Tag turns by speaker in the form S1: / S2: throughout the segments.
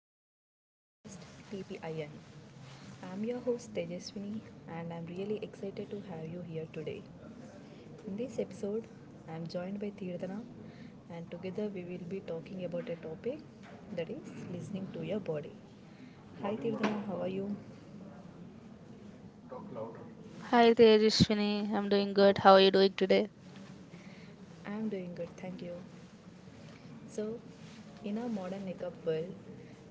S1: welcome to the podcast TPIN. I'm your host Tejaswini, and I'm really excited to have you here today. In this episode, I'm joined by Tirdana, and together we will be talking about a topic that is listening to your body. Hi, Tirdana, how are you?
S2: Hi Tejaswini, I'm doing good. How are you doing today?
S1: I'm doing good, thank you. So, in our modern makeup world,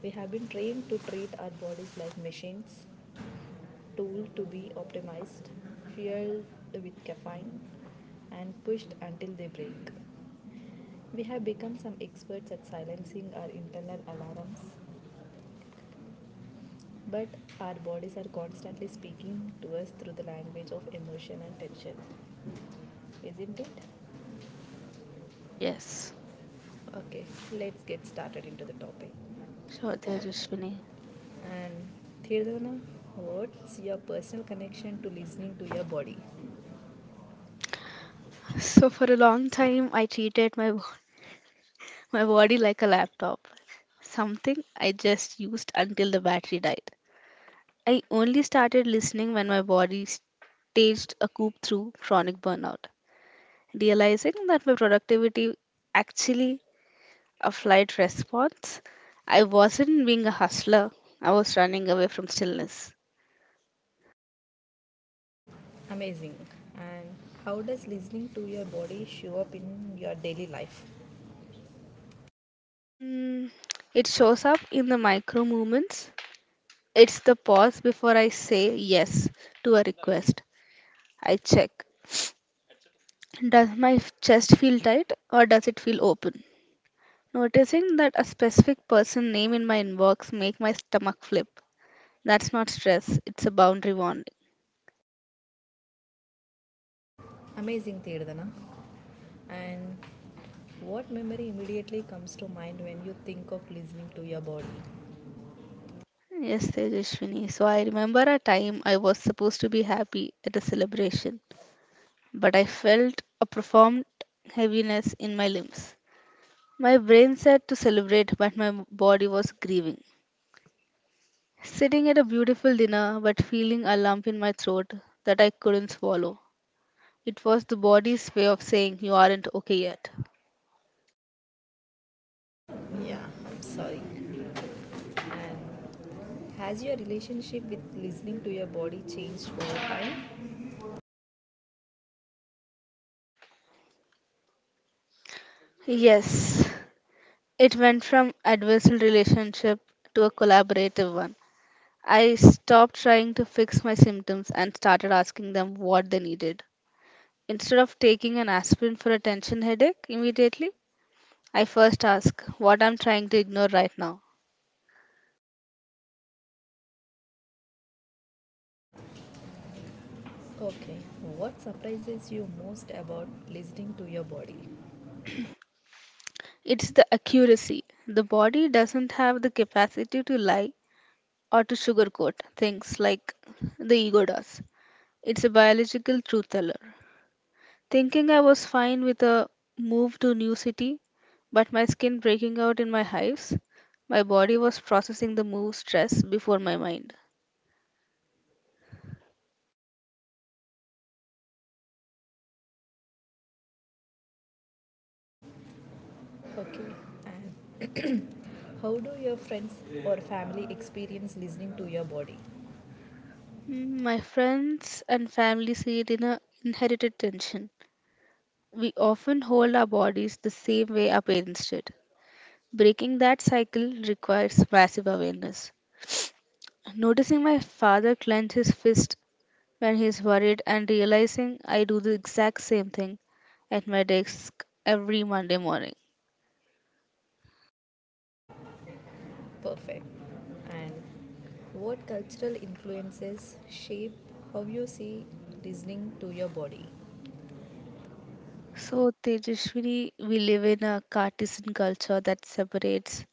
S1: we have been trained to treat our bodies like machines tool to be optimized, fueled with caffeine, and pushed until they break. We have become some experts at silencing our internal alarms, but our bodies are constantly speaking to us through the language of emotion and tension, isn't it?
S2: Yes,
S1: Okay, let's get started into the topic.
S2: sure Tejaswini.
S1: And Thirdana, what's your personal connection to listening to your body?
S2: So for a long time I treated my bo- my body like a laptop, something I just used until the battery died. I only started listening when my body staged a coup through chronic burnout, realizing that my productivity actually a flight response. I wasn't being a hustler. I was running away from stillness.
S1: Amazing. And how does listening to your body show up in your daily life?
S2: Mm, it shows up in the micro movements. It's the pause before I say yes to a request. I check. Does my chest feel tight or does it feel open? Noticing that a specific person name in my inbox make my stomach flip. That's not stress, it's a boundary warning.
S1: Amazing, Tirdana. And what memory immediately comes to mind when you think of listening to your body?
S2: Yes, Tejashwini. So I remember a time I was supposed to be happy at a celebration, but I felt a profound heaviness in my limbs. My brain said to celebrate, but my body was grieving. Sitting at a beautiful dinner, but feeling a lump in my throat that I couldn't swallow. It was the body's way of saying you aren't okay yet.
S1: Yeah, I'm sorry. And has your relationship with listening to your body changed over time?
S2: Yes, it went from adversarial relationship to a collaborative one. I stopped trying to fix my symptoms and started asking them what they needed. Instead of taking an aspirin for a tension headache immediately, I first ask what I'm trying to ignore right now.
S1: Okay, what surprises you most about listening to your body?
S2: It's the accuracy. The body doesn't have the capacity to lie or to sugarcoat things like the ego does. It's a biological truth teller. Thinking I was fine with a move to new city, but my skin breaking out in my hives, my body was processing the move stress before my mind.
S1: Okay, and how do your friends or family experience listening to your body?
S2: My friends and family see it in a inherited tension. We often hold our bodies the same way our parents did. Breaking that cycle requires massive awareness. Noticing my father clench his fist when he's worried and realizing I do the exact same thing at my desk every Monday morning.
S1: Perfect. And what cultural influences shape how you see listening to your body?
S2: So, Tejaswini, we live in a Cartesian culture that separates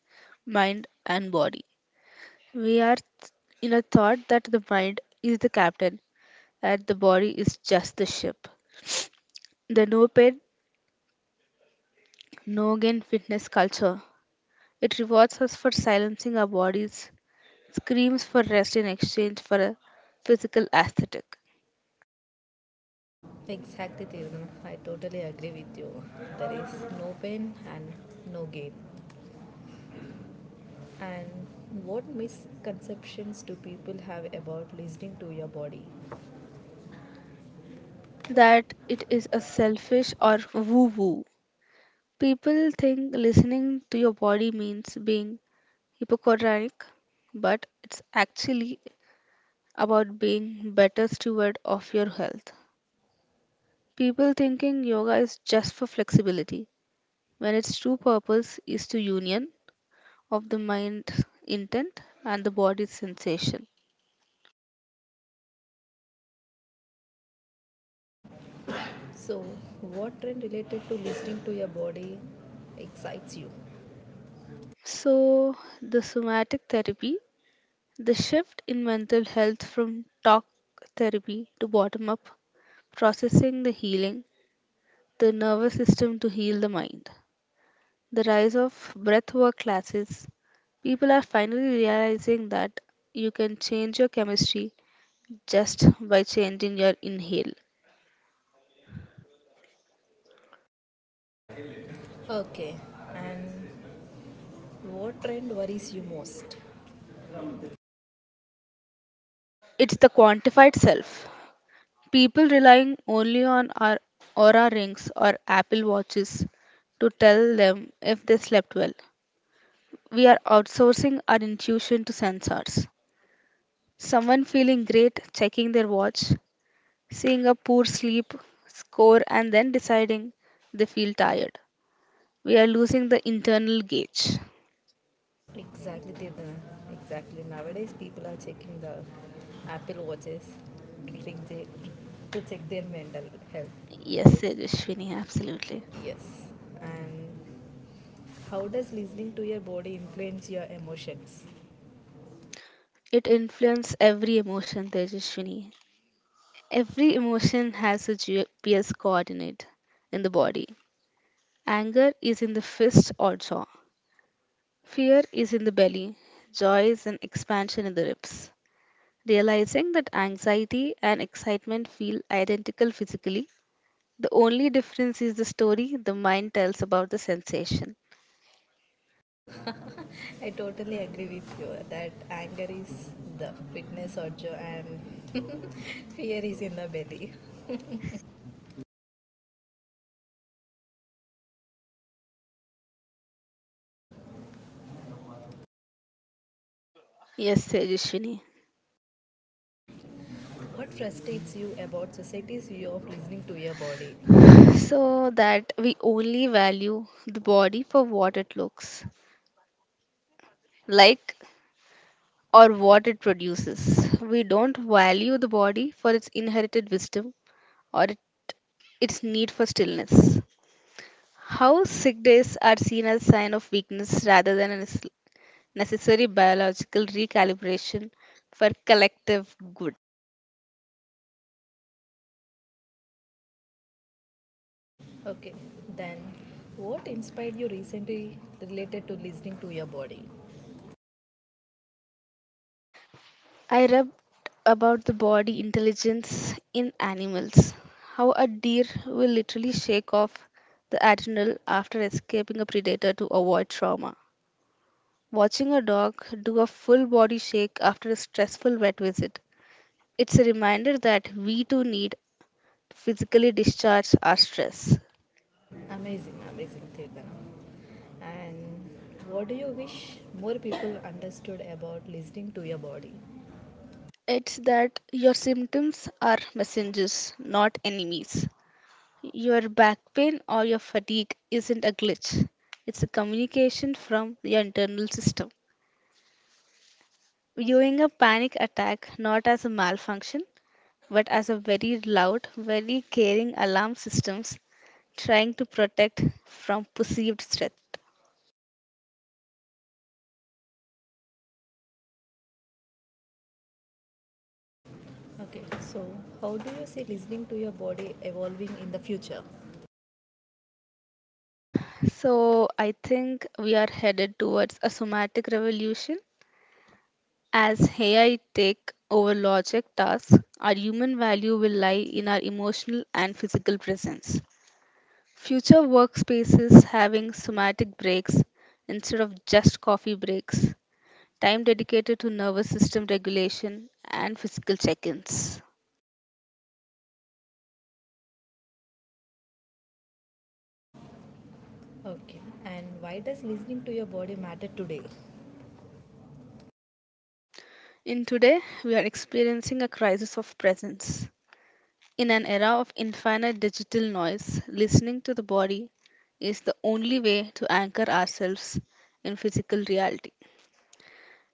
S2: mind and body. We are in a thought that the mind is the captain and the body is just the ship. The no pain, no gain fitness culture. It rewards us for silencing our bodies, screams for rest in exchange for a physical aesthetic.
S1: Exactly, Tiruna. I totally agree with you. There is no pain and no gain. And what misconceptions do people have about listening to your body?
S2: That it is a selfish or woo woo. People think listening to your body means being hypochondriac, but it's actually about being better steward of your health. People thinking yoga is just for flexibility, when its true purpose is to union of the mind's intent and the body's sensation.
S1: So, what trend related to listening to your body excites you?
S2: So, the somatic therapy, the shift in mental health from talk therapy to bottom up processing the healing, the nervous system to heal the mind. The rise of breathwork classes. People are finally realizing that you can change your chemistry just by changing your inhale.
S1: Okay. And what trend worries you most?
S2: It's the quantified self. People relying only on our aura rings or Apple watches to tell them if they slept well. We are outsourcing our intuition to sensors. Someone feeling great checking their watch, seeing a poor sleep score and then deciding they feel tired. We are losing the internal gauge.
S1: Exactly, Tirthana. Exactly. Nowadays, people are checking the Apple watches to check their mental health.
S2: Yes,
S1: Right?
S2: Tejashwini, absolutely.
S1: Yes. And how does listening to your body influence your emotions?
S2: It influences every emotion, Tejashwini. Every emotion has a GPS coordinate in the body. Anger is in the fist or jaw. Fear is in the belly. Joy is an expansion in the ribs. Realizing that anxiety and excitement feel identical physically. The only difference is the story the mind tells about the sensation.
S1: I totally agree with you that anger is the fitness orjo and fear is in the belly.
S2: Yes, Tejashwini.
S1: What frustrates you about society's view of listening to your body?
S2: So that we only value the body for what it looks like or what it produces. We don't value the body for its inherited wisdom or its need for stillness. How sick days are seen as a sign of weakness rather than a necessary biological recalibration for collective good.
S1: Okay, then what inspired you recently related to listening to your body?
S2: I read about the body intelligence in animals, how a deer will literally shake off the adrenal after escaping a predator to avoid trauma. Watching a dog do a full body shake after a stressful vet visit, it's a reminder that we too need to physically discharge our stress.
S1: Amazing, amazing, Tirthana. And what do you wish more people understood about listening to your body?
S2: It's that your symptoms are messengers, not enemies. Your back pain or your fatigue isn't a glitch, it's a communication from your internal system. Viewing a panic attack not as a malfunction, but as a very loud, very caring alarm systems trying to protect from perceived threat.
S1: Okay, so how do you see listening to your body evolving in the future?
S2: So I think we are headed towards a somatic revolution. As AI take over logic tasks, our human value will lie in our emotional and physical presence. Future workspaces having somatic breaks instead of just coffee breaks, time dedicated to nervous system regulation, and physical check ins.
S1: Okay, and why does listening to your body matter today?
S2: In today, we are experiencing a crisis of presence. In an era of infinite digital noise, listening to the body is the only way to anchor ourselves in physical reality.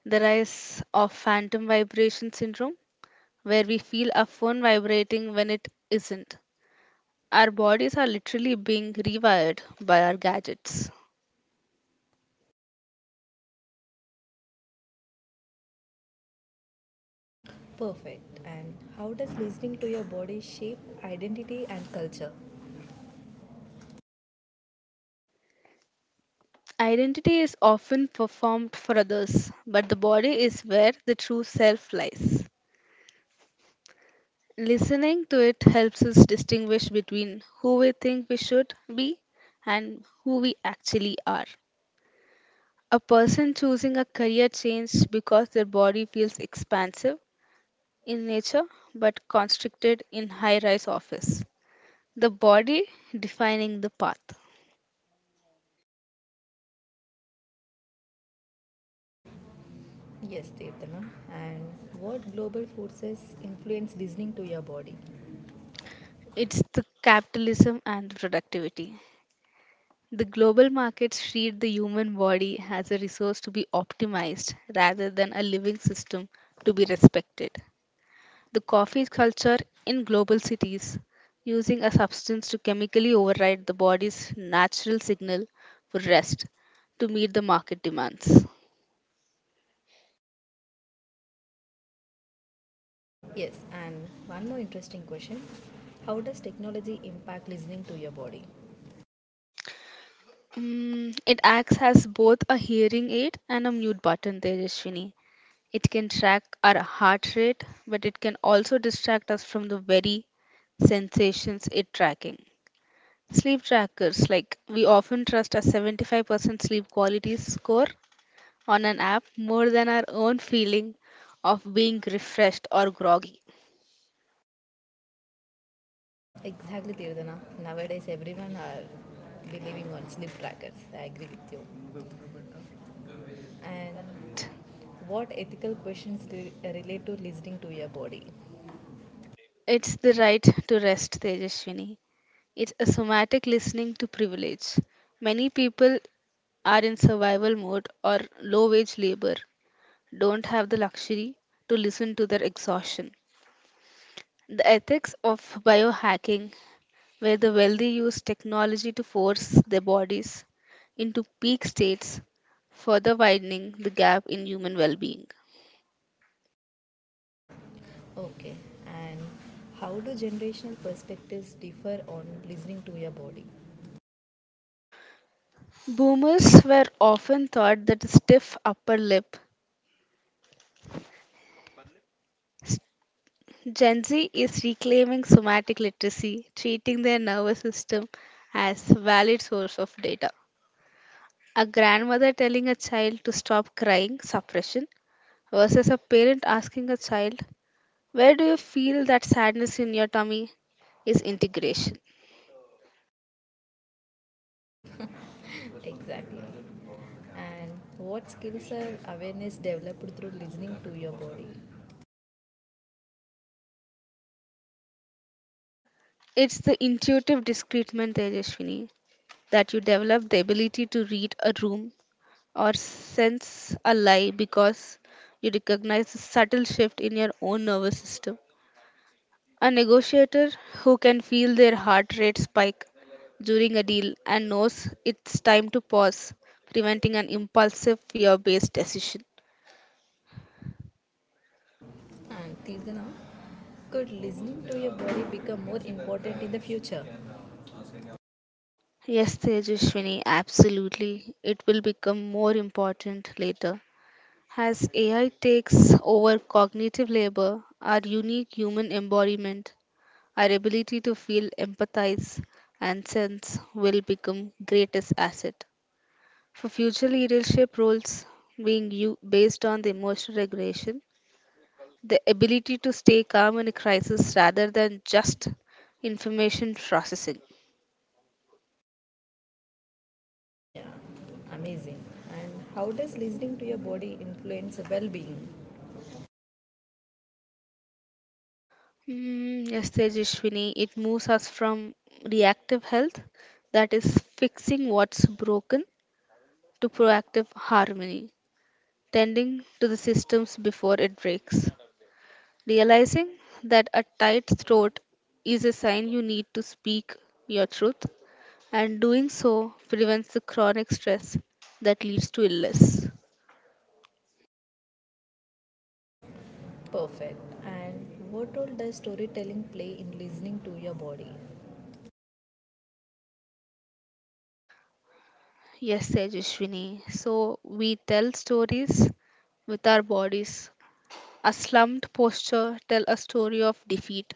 S2: The rise of phantom vibration syndrome, where we feel our phone vibrating when it isn't, our bodies are literally being rewired by our gadgets.
S1: Perfect. And how does listening to your body shape identity and culture?
S2: Identity is often performed for others, but the body is where the true self lies. Listening to it helps us distinguish between who we think we should be and who we actually are. A person choosing a career change because their body feels expansive in nature but constricted in high rise office. The body defining the path.
S1: Yes, Tirthana. And what global forces influence listening to your body?
S2: It's the capitalism and the productivity. The global markets treat the human body as a resource to be optimized rather than a living system to be respected. The coffee culture in global cities using a substance to chemically override the body's natural signal for rest to meet the market demands.
S1: Yes, and one more interesting question. How does technology impact listening to your body?
S2: It acts as both a hearing aid and a mute button there, Rishwini. It can track our heart rate, but it can also distract us from the very sensations it tracking. Sleep trackers, like we often trust a 75% sleep quality score on an app more than our own feeling of being refreshed or groggy.
S1: Exactly, Tirthana. Nowadays, everyone are believing on sleep trackers. I agree with you. And
S2: Correct.
S1: what ethical questions relate to listening to your body?
S2: It's the right to rest, Tejaswini. It's a somatic listening to privilege. Many people are in survival mode or low wage labor don't have the luxury to listen to their exhaustion. The ethics of biohacking, where the wealthy use technology to force their bodies into peak states, further widening the gap in human well being.
S1: Okay. And how do generational perspectives differ on listening to your body?
S2: Boomers were often thought that a stiff upper lip. Gen Z is reclaiming somatic literacy, treating their nervous system as a valid source of data. A grandmother telling a child to stop crying suppression versus a parent asking a child, where do you feel that sadness in your tummy? Is integration.
S1: Exactly. And what skills are awareness developed through listening to your body?
S2: It's the intuitive discreetment, Tejashwini, that you develop the ability to read a room or sense a lie because you recognize the subtle shift in your own nervous system. A negotiator who can feel their heart rate spike during a deal and knows it's time to pause, preventing an impulsive fear based decision.
S1: And Tirthana, could listening to your body become more important in the future?
S2: Yes, Tejaswini, absolutely. It will become more important later. As AI takes over cognitive labor, our unique human embodiment, our ability to feel, empathize, and sense will become greatest asset. For future leadership roles being you based on the emotional regulation, the ability to stay calm in a crisis rather than just information processing.
S1: Yeah, amazing. And how does listening to your body influence well being?
S2: Yes, Tejashwini, it moves us from reactive health, that is fixing what's broken, to proactive harmony, tending to the systems before it breaks. Realizing that a tight throat is a sign you need to speak your truth, and doing so prevents the chronic stress that leads to illness.
S1: Perfect. And what role does storytelling play in listening to your body?
S2: Yes, Tejashwini. So we tell stories with our bodies. A slumped posture tells a story of defeat.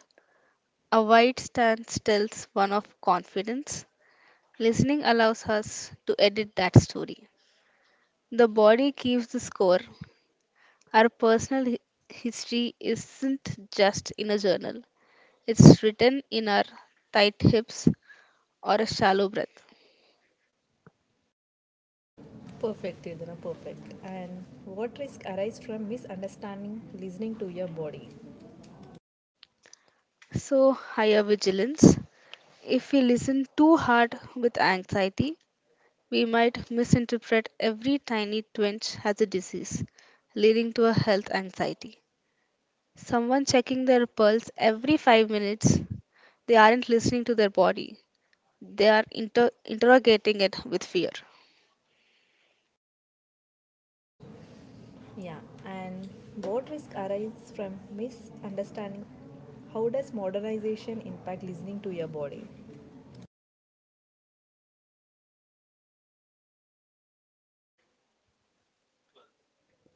S2: A wide stance tells one of confidence. Listening allows us to edit that story. The body keeps the score. Our personal history isn't just in a journal, it's written in our tight hips or a shallow breath.
S1: Perfect, Tirthana, perfect. And what risk arise from misunderstanding listening to your body?
S2: So, higher vigilance. If we listen too hard with anxiety, we might misinterpret every tiny twinge as a disease, leading to a health anxiety. Someone checking their pulse every 5 minutes, they aren't listening to their body, they are interrogating it with fear.
S1: Yeah, and what risk arises from misunderstanding? How does modernization impact listening to your body?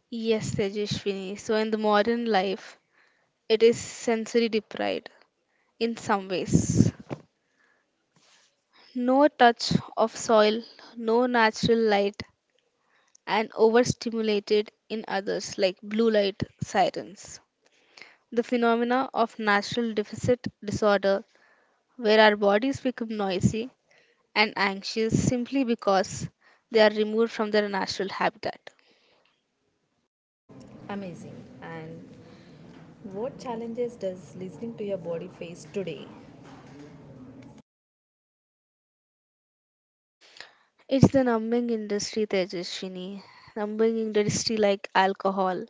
S2: Yes, Tejashwini. So, in the modern life, it is sensory deprived in some ways. No touch of soil, no natural light, and overstimulated in others, like blue light sirens. The phenomena of natural deficit disorder, where our bodies become noisy and anxious simply because they are removed from their natural habitat.
S1: Amazing. And what challenges does listening to your body face today?
S2: It's the numbing industry, Tejaswini. Numbing industry like alcohol,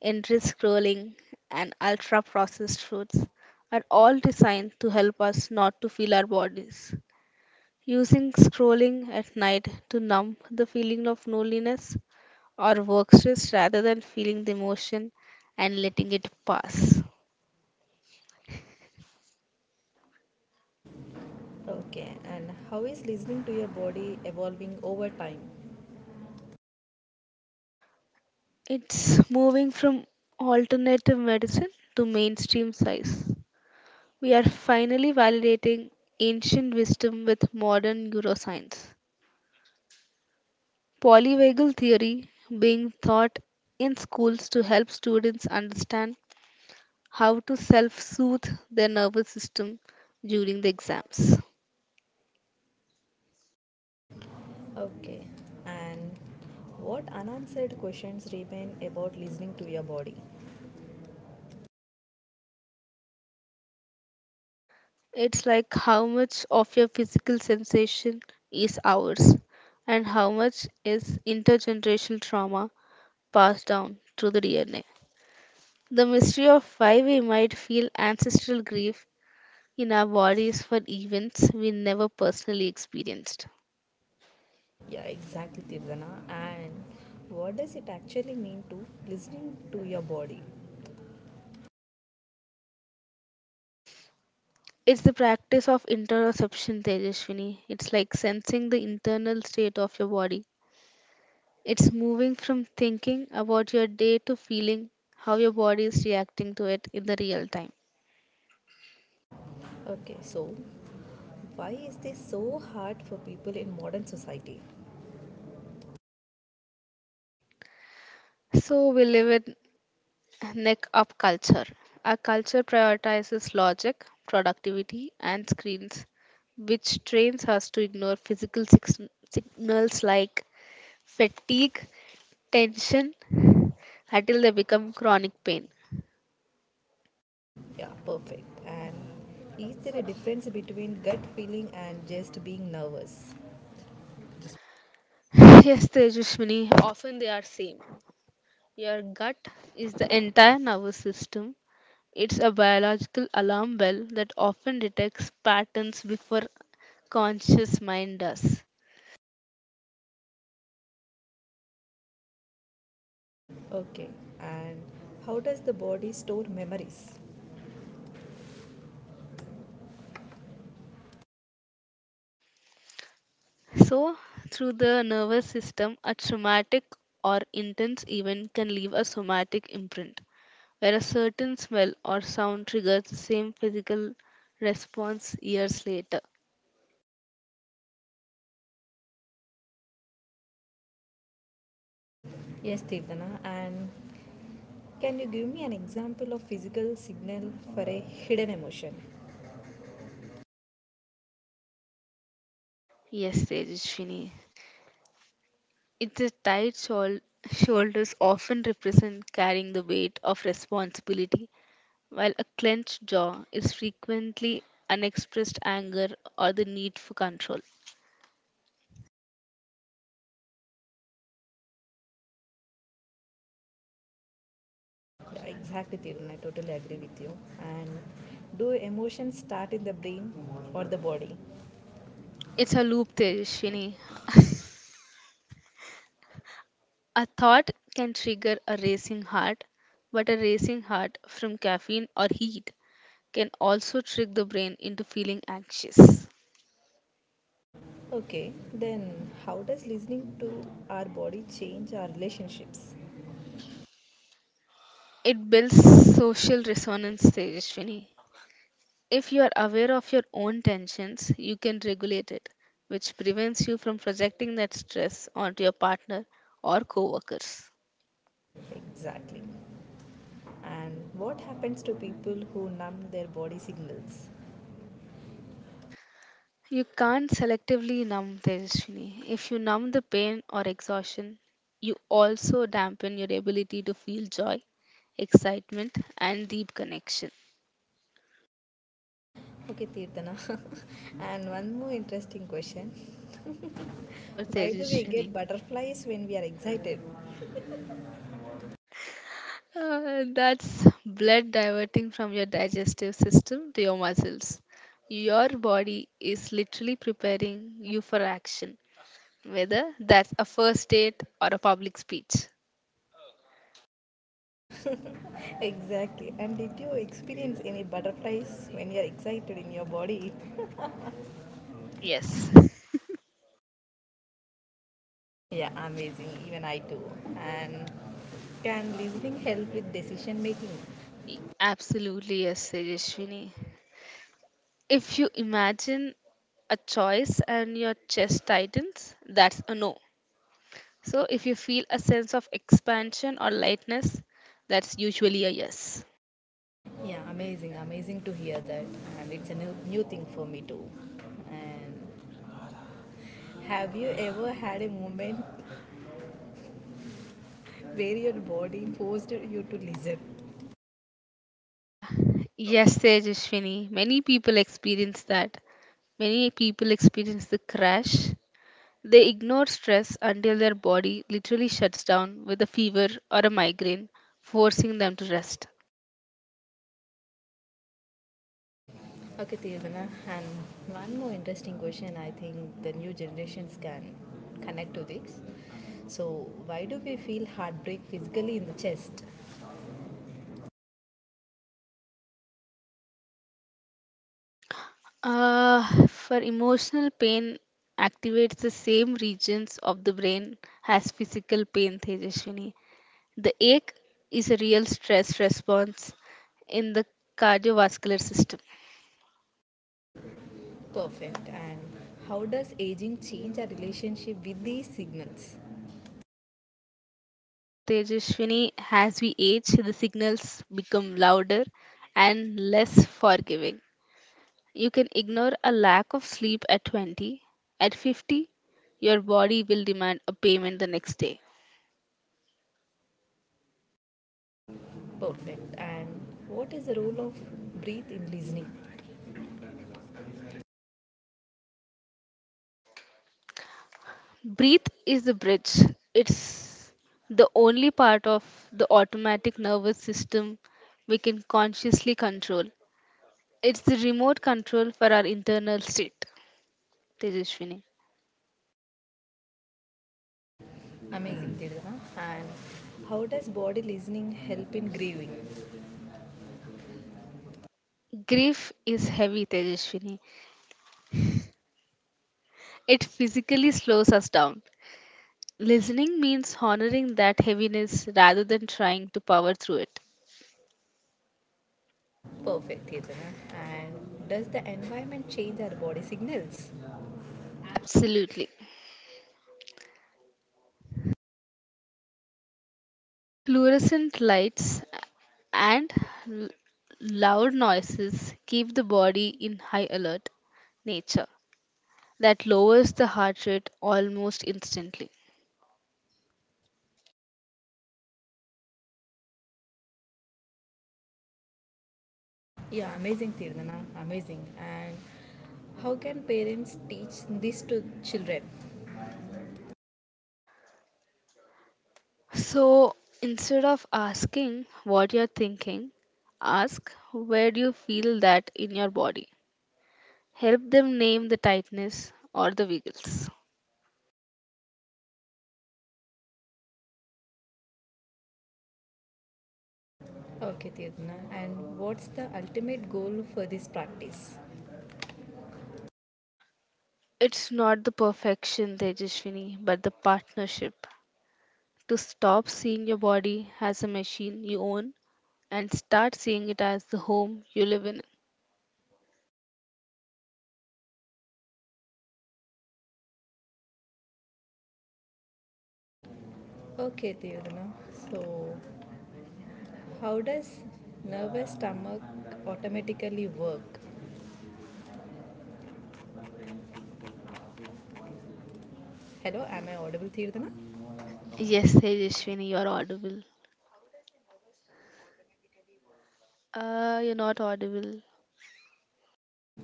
S2: endless scrolling, and ultra processed foods are all designed to help us not to feel our bodies. Using scrolling at night to numb the feeling of loneliness or work stress rather than feeling the emotion and letting it pass.
S1: Okay, and how is listening to your body evolving over time?
S2: It's moving from alternative medicine to mainstream science. We are finally validating ancient wisdom with modern neuroscience. Polyvagal theory being taught in schools to help students understand how to self soothe their nervous system during the exams.
S1: Okay, and what unanswered questions remain about listening to your body?
S2: It's like how much of your physical sensation is ours, and how much is intergenerational trauma passed down through the DNA. The mystery of why we might feel ancestral grief in our bodies for events we never personally experienced.
S1: Yeah, exactly, Tirdana. And what does it actually mean to listening to your body?
S2: It's the practice of interoception, Tejaswini. It's like sensing the internal state of your body. It's moving from thinking about your day to feeling how your body is reacting to it in the real time.
S1: Okay, so why is this so hard for people in modern society?
S2: So we live in neck up culture. Our culture prioritizes logic, productivity, and screens, which trains us to ignore physical signals like fatigue, tension, until they become chronic pain.
S1: Yeah, perfect. And is there a difference between gut feeling and just being nervous?
S2: Yes, Tejaswini, often they are same. Your gut is the entire nervous system. It's a biological alarm bell that often detects patterns before conscious mind does.
S1: Okay. And how does the body store memories?
S2: So, through the nervous system, a traumatic or intense event can leave a somatic imprint, where a certain smell or sound triggers the same physical response years later.
S1: Yes, Tirthana. And can you give me an example of physical signal for a hidden emotion?
S2: Yes, Tejaswini. It's a shoulders often represent carrying the weight of responsibility, while a clenched jaw is frequently unexpressed anger or the need for control.
S1: Yeah, exactly, Tirthana. I totally agree with you. And do emotions start in the brain or the body?
S2: It's a loop, Tejaswini. A thought can trigger a racing heart, but a racing heart from caffeine or heat can also trick the brain into feeling anxious.
S1: Okay, then how does listening to our body change our relationships?
S2: It builds social resonance, Tejaswini. If you are aware of your own tensions, you can regulate it, which prevents you from projecting that stress onto your partner or coworkers.
S1: Exactly. And what happens to people who numb their body signals?
S2: You can't selectively numb Tejaswini. If you numb the pain or exhaustion, you also dampen your ability to feel joy excitement, and deep connection.
S1: Okay, Tirthana. And one more interesting question.
S2: Sure,
S1: By the way, get
S2: Tejaswini.
S1: butterflies when we are excited.
S2: That's blood diverting from your digestive system to your muscles. Your body is literally preparing you for action, whether that's a first date or a public speech.
S1: Exactly. And did you experience any butterflies when you are excited in your body?
S2: Yes,
S1: Yeah, amazing. Even I too. And can listening help with decision making?
S2: Absolutely, yes, Tejaswini. If you imagine a choice and your chest tightens, that's a no. So, if you feel a sense of expansion or lightness, that's usually a yes.
S1: Yeah, amazing, amazing to hear that, and it's a new thing for me too. And have you ever had a moment where your body forced you to listen?
S2: Uh, yes, Tejashwini. Many people experience that. Many people experience the crash. They ignore stress until their body literally shuts down with a fever or a migraine, forcing them to rest.
S1: Okay, Tirvana, and one more interesting question I think the new generations can connect to this. So, why do we feel heartbreak physically in the chest?
S2: For emotional pain, activates the same regions of the brain as physical pain, Tejashwini. The ache is a real stress response in the cardiovascular system.
S1: Perfect. And how does aging change our relationship with these signals?
S2: So, Tejaswini, as we age, the signals become louder and less forgiving. You can ignore a lack of sleep at 20. At 50, your body will demand a payment the next day.
S1: Perfect. And what is the role of breathe in listening?
S2: Breathe is the bridge, it's the only part of the automatic nervous system we can consciously control. It's the remote control for our internal state. Tejaswini.
S1: Amazing, Tirana. And how does body listening help in grieving?
S2: Grief is heavy, Tejaswini. It physically slows us down. Listening means honoring that heaviness rather than trying to power through it.
S1: Perfect, Tirana. And does the environment change our body signals?
S2: Absolutely. Fluorescent lights and l- loud noises keep the body in high alert nature that lowers the heart rate almost instantly.
S1: Yeah. Amazing, Tirana. Amazing. And how can parents teach this to children?
S2: So instead of asking what you're thinking, ask where do you feel that in your body? Help them name the tightness or the wiggles.
S1: Okay, Tirana. And what's the ultimate goal for this practice?
S2: It's not the perfection, Tejaswini, but the partnership. To stop seeing your body as a machine you own and start seeing it as the home you live in.
S1: Okay, Tirana. So, how does nervous stomach automatically work? Hello. Am I audible, Tirana?
S2: Yes, Tejaswini, you're audible. You're not audible.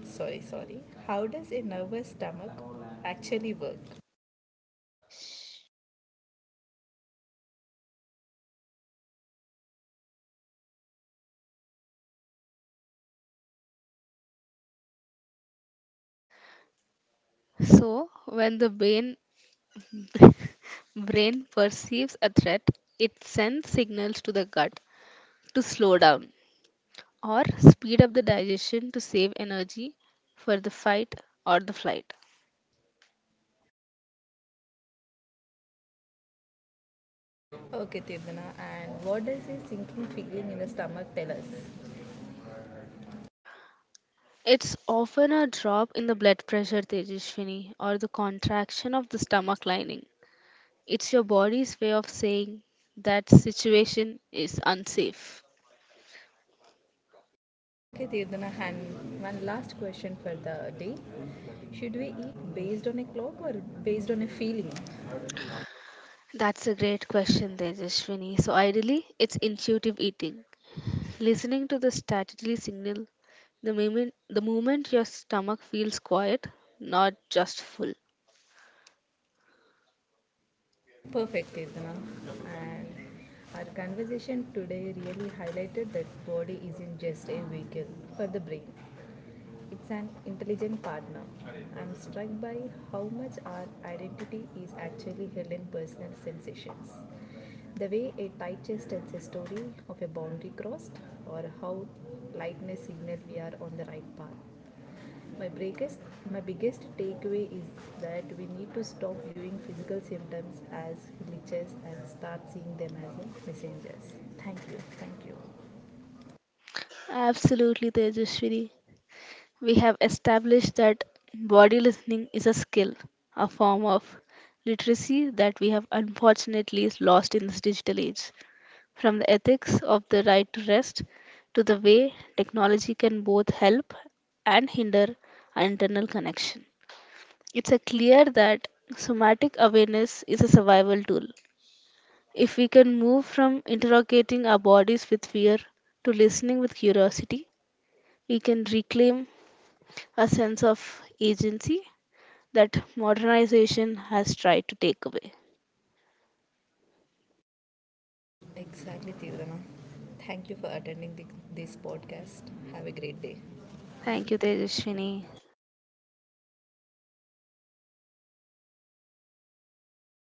S1: Sorry. How does a nervous stomach actually work?
S2: So, when the brain, brain perceives a threat, it sends signals to the gut to slow down or speed up the digestion to save energy for the fight or the flight.
S1: Okay, Tirdana, and what does a sinking feeling in the stomach tell us?
S2: It's often a drop in the blood pressure, Tejaswini, or the contraction of the stomach lining. It's your body's way of saying that situation is unsafe.
S1: Okay, Tirdana, and one last question for the day. Should we eat based on a clock or based on a feeling?
S2: That's a great question, Tejaswini. So, ideally, it's intuitive eating. Listening to the statutory signal the moment your stomach feels quiet, not just full.
S1: Perfect, Vedana. And our conversation today really highlighted that body isn't just a vehicle for the brain. It's an intelligent partner. I'm struck by how much our identity is actually held in personal sensations. The way a tight chest tells a story of a boundary crossed, or how lightness signals we are on the right path. My biggest, my biggest takeaway is that we need to stop viewing physical symptoms as glitches and start seeing them as messengers. Thank you. Thank you.
S2: Absolutely, Tejaswini. We have established that body listening is a skill, a form of literacy that we have unfortunately lost in this digital age. From the ethics of the right to rest to the way technology can both help and hinder our internal connection. It's a clear that somatic awareness is a survival tool. If we can move from interrogating our bodies with fear to listening with curiosity, we can reclaim a sense of agency that modernization has tried to take away.
S1: Exactly, Tirana. Thank you for attending this podcast. Have a great day.
S2: Thank you, Tejaswini.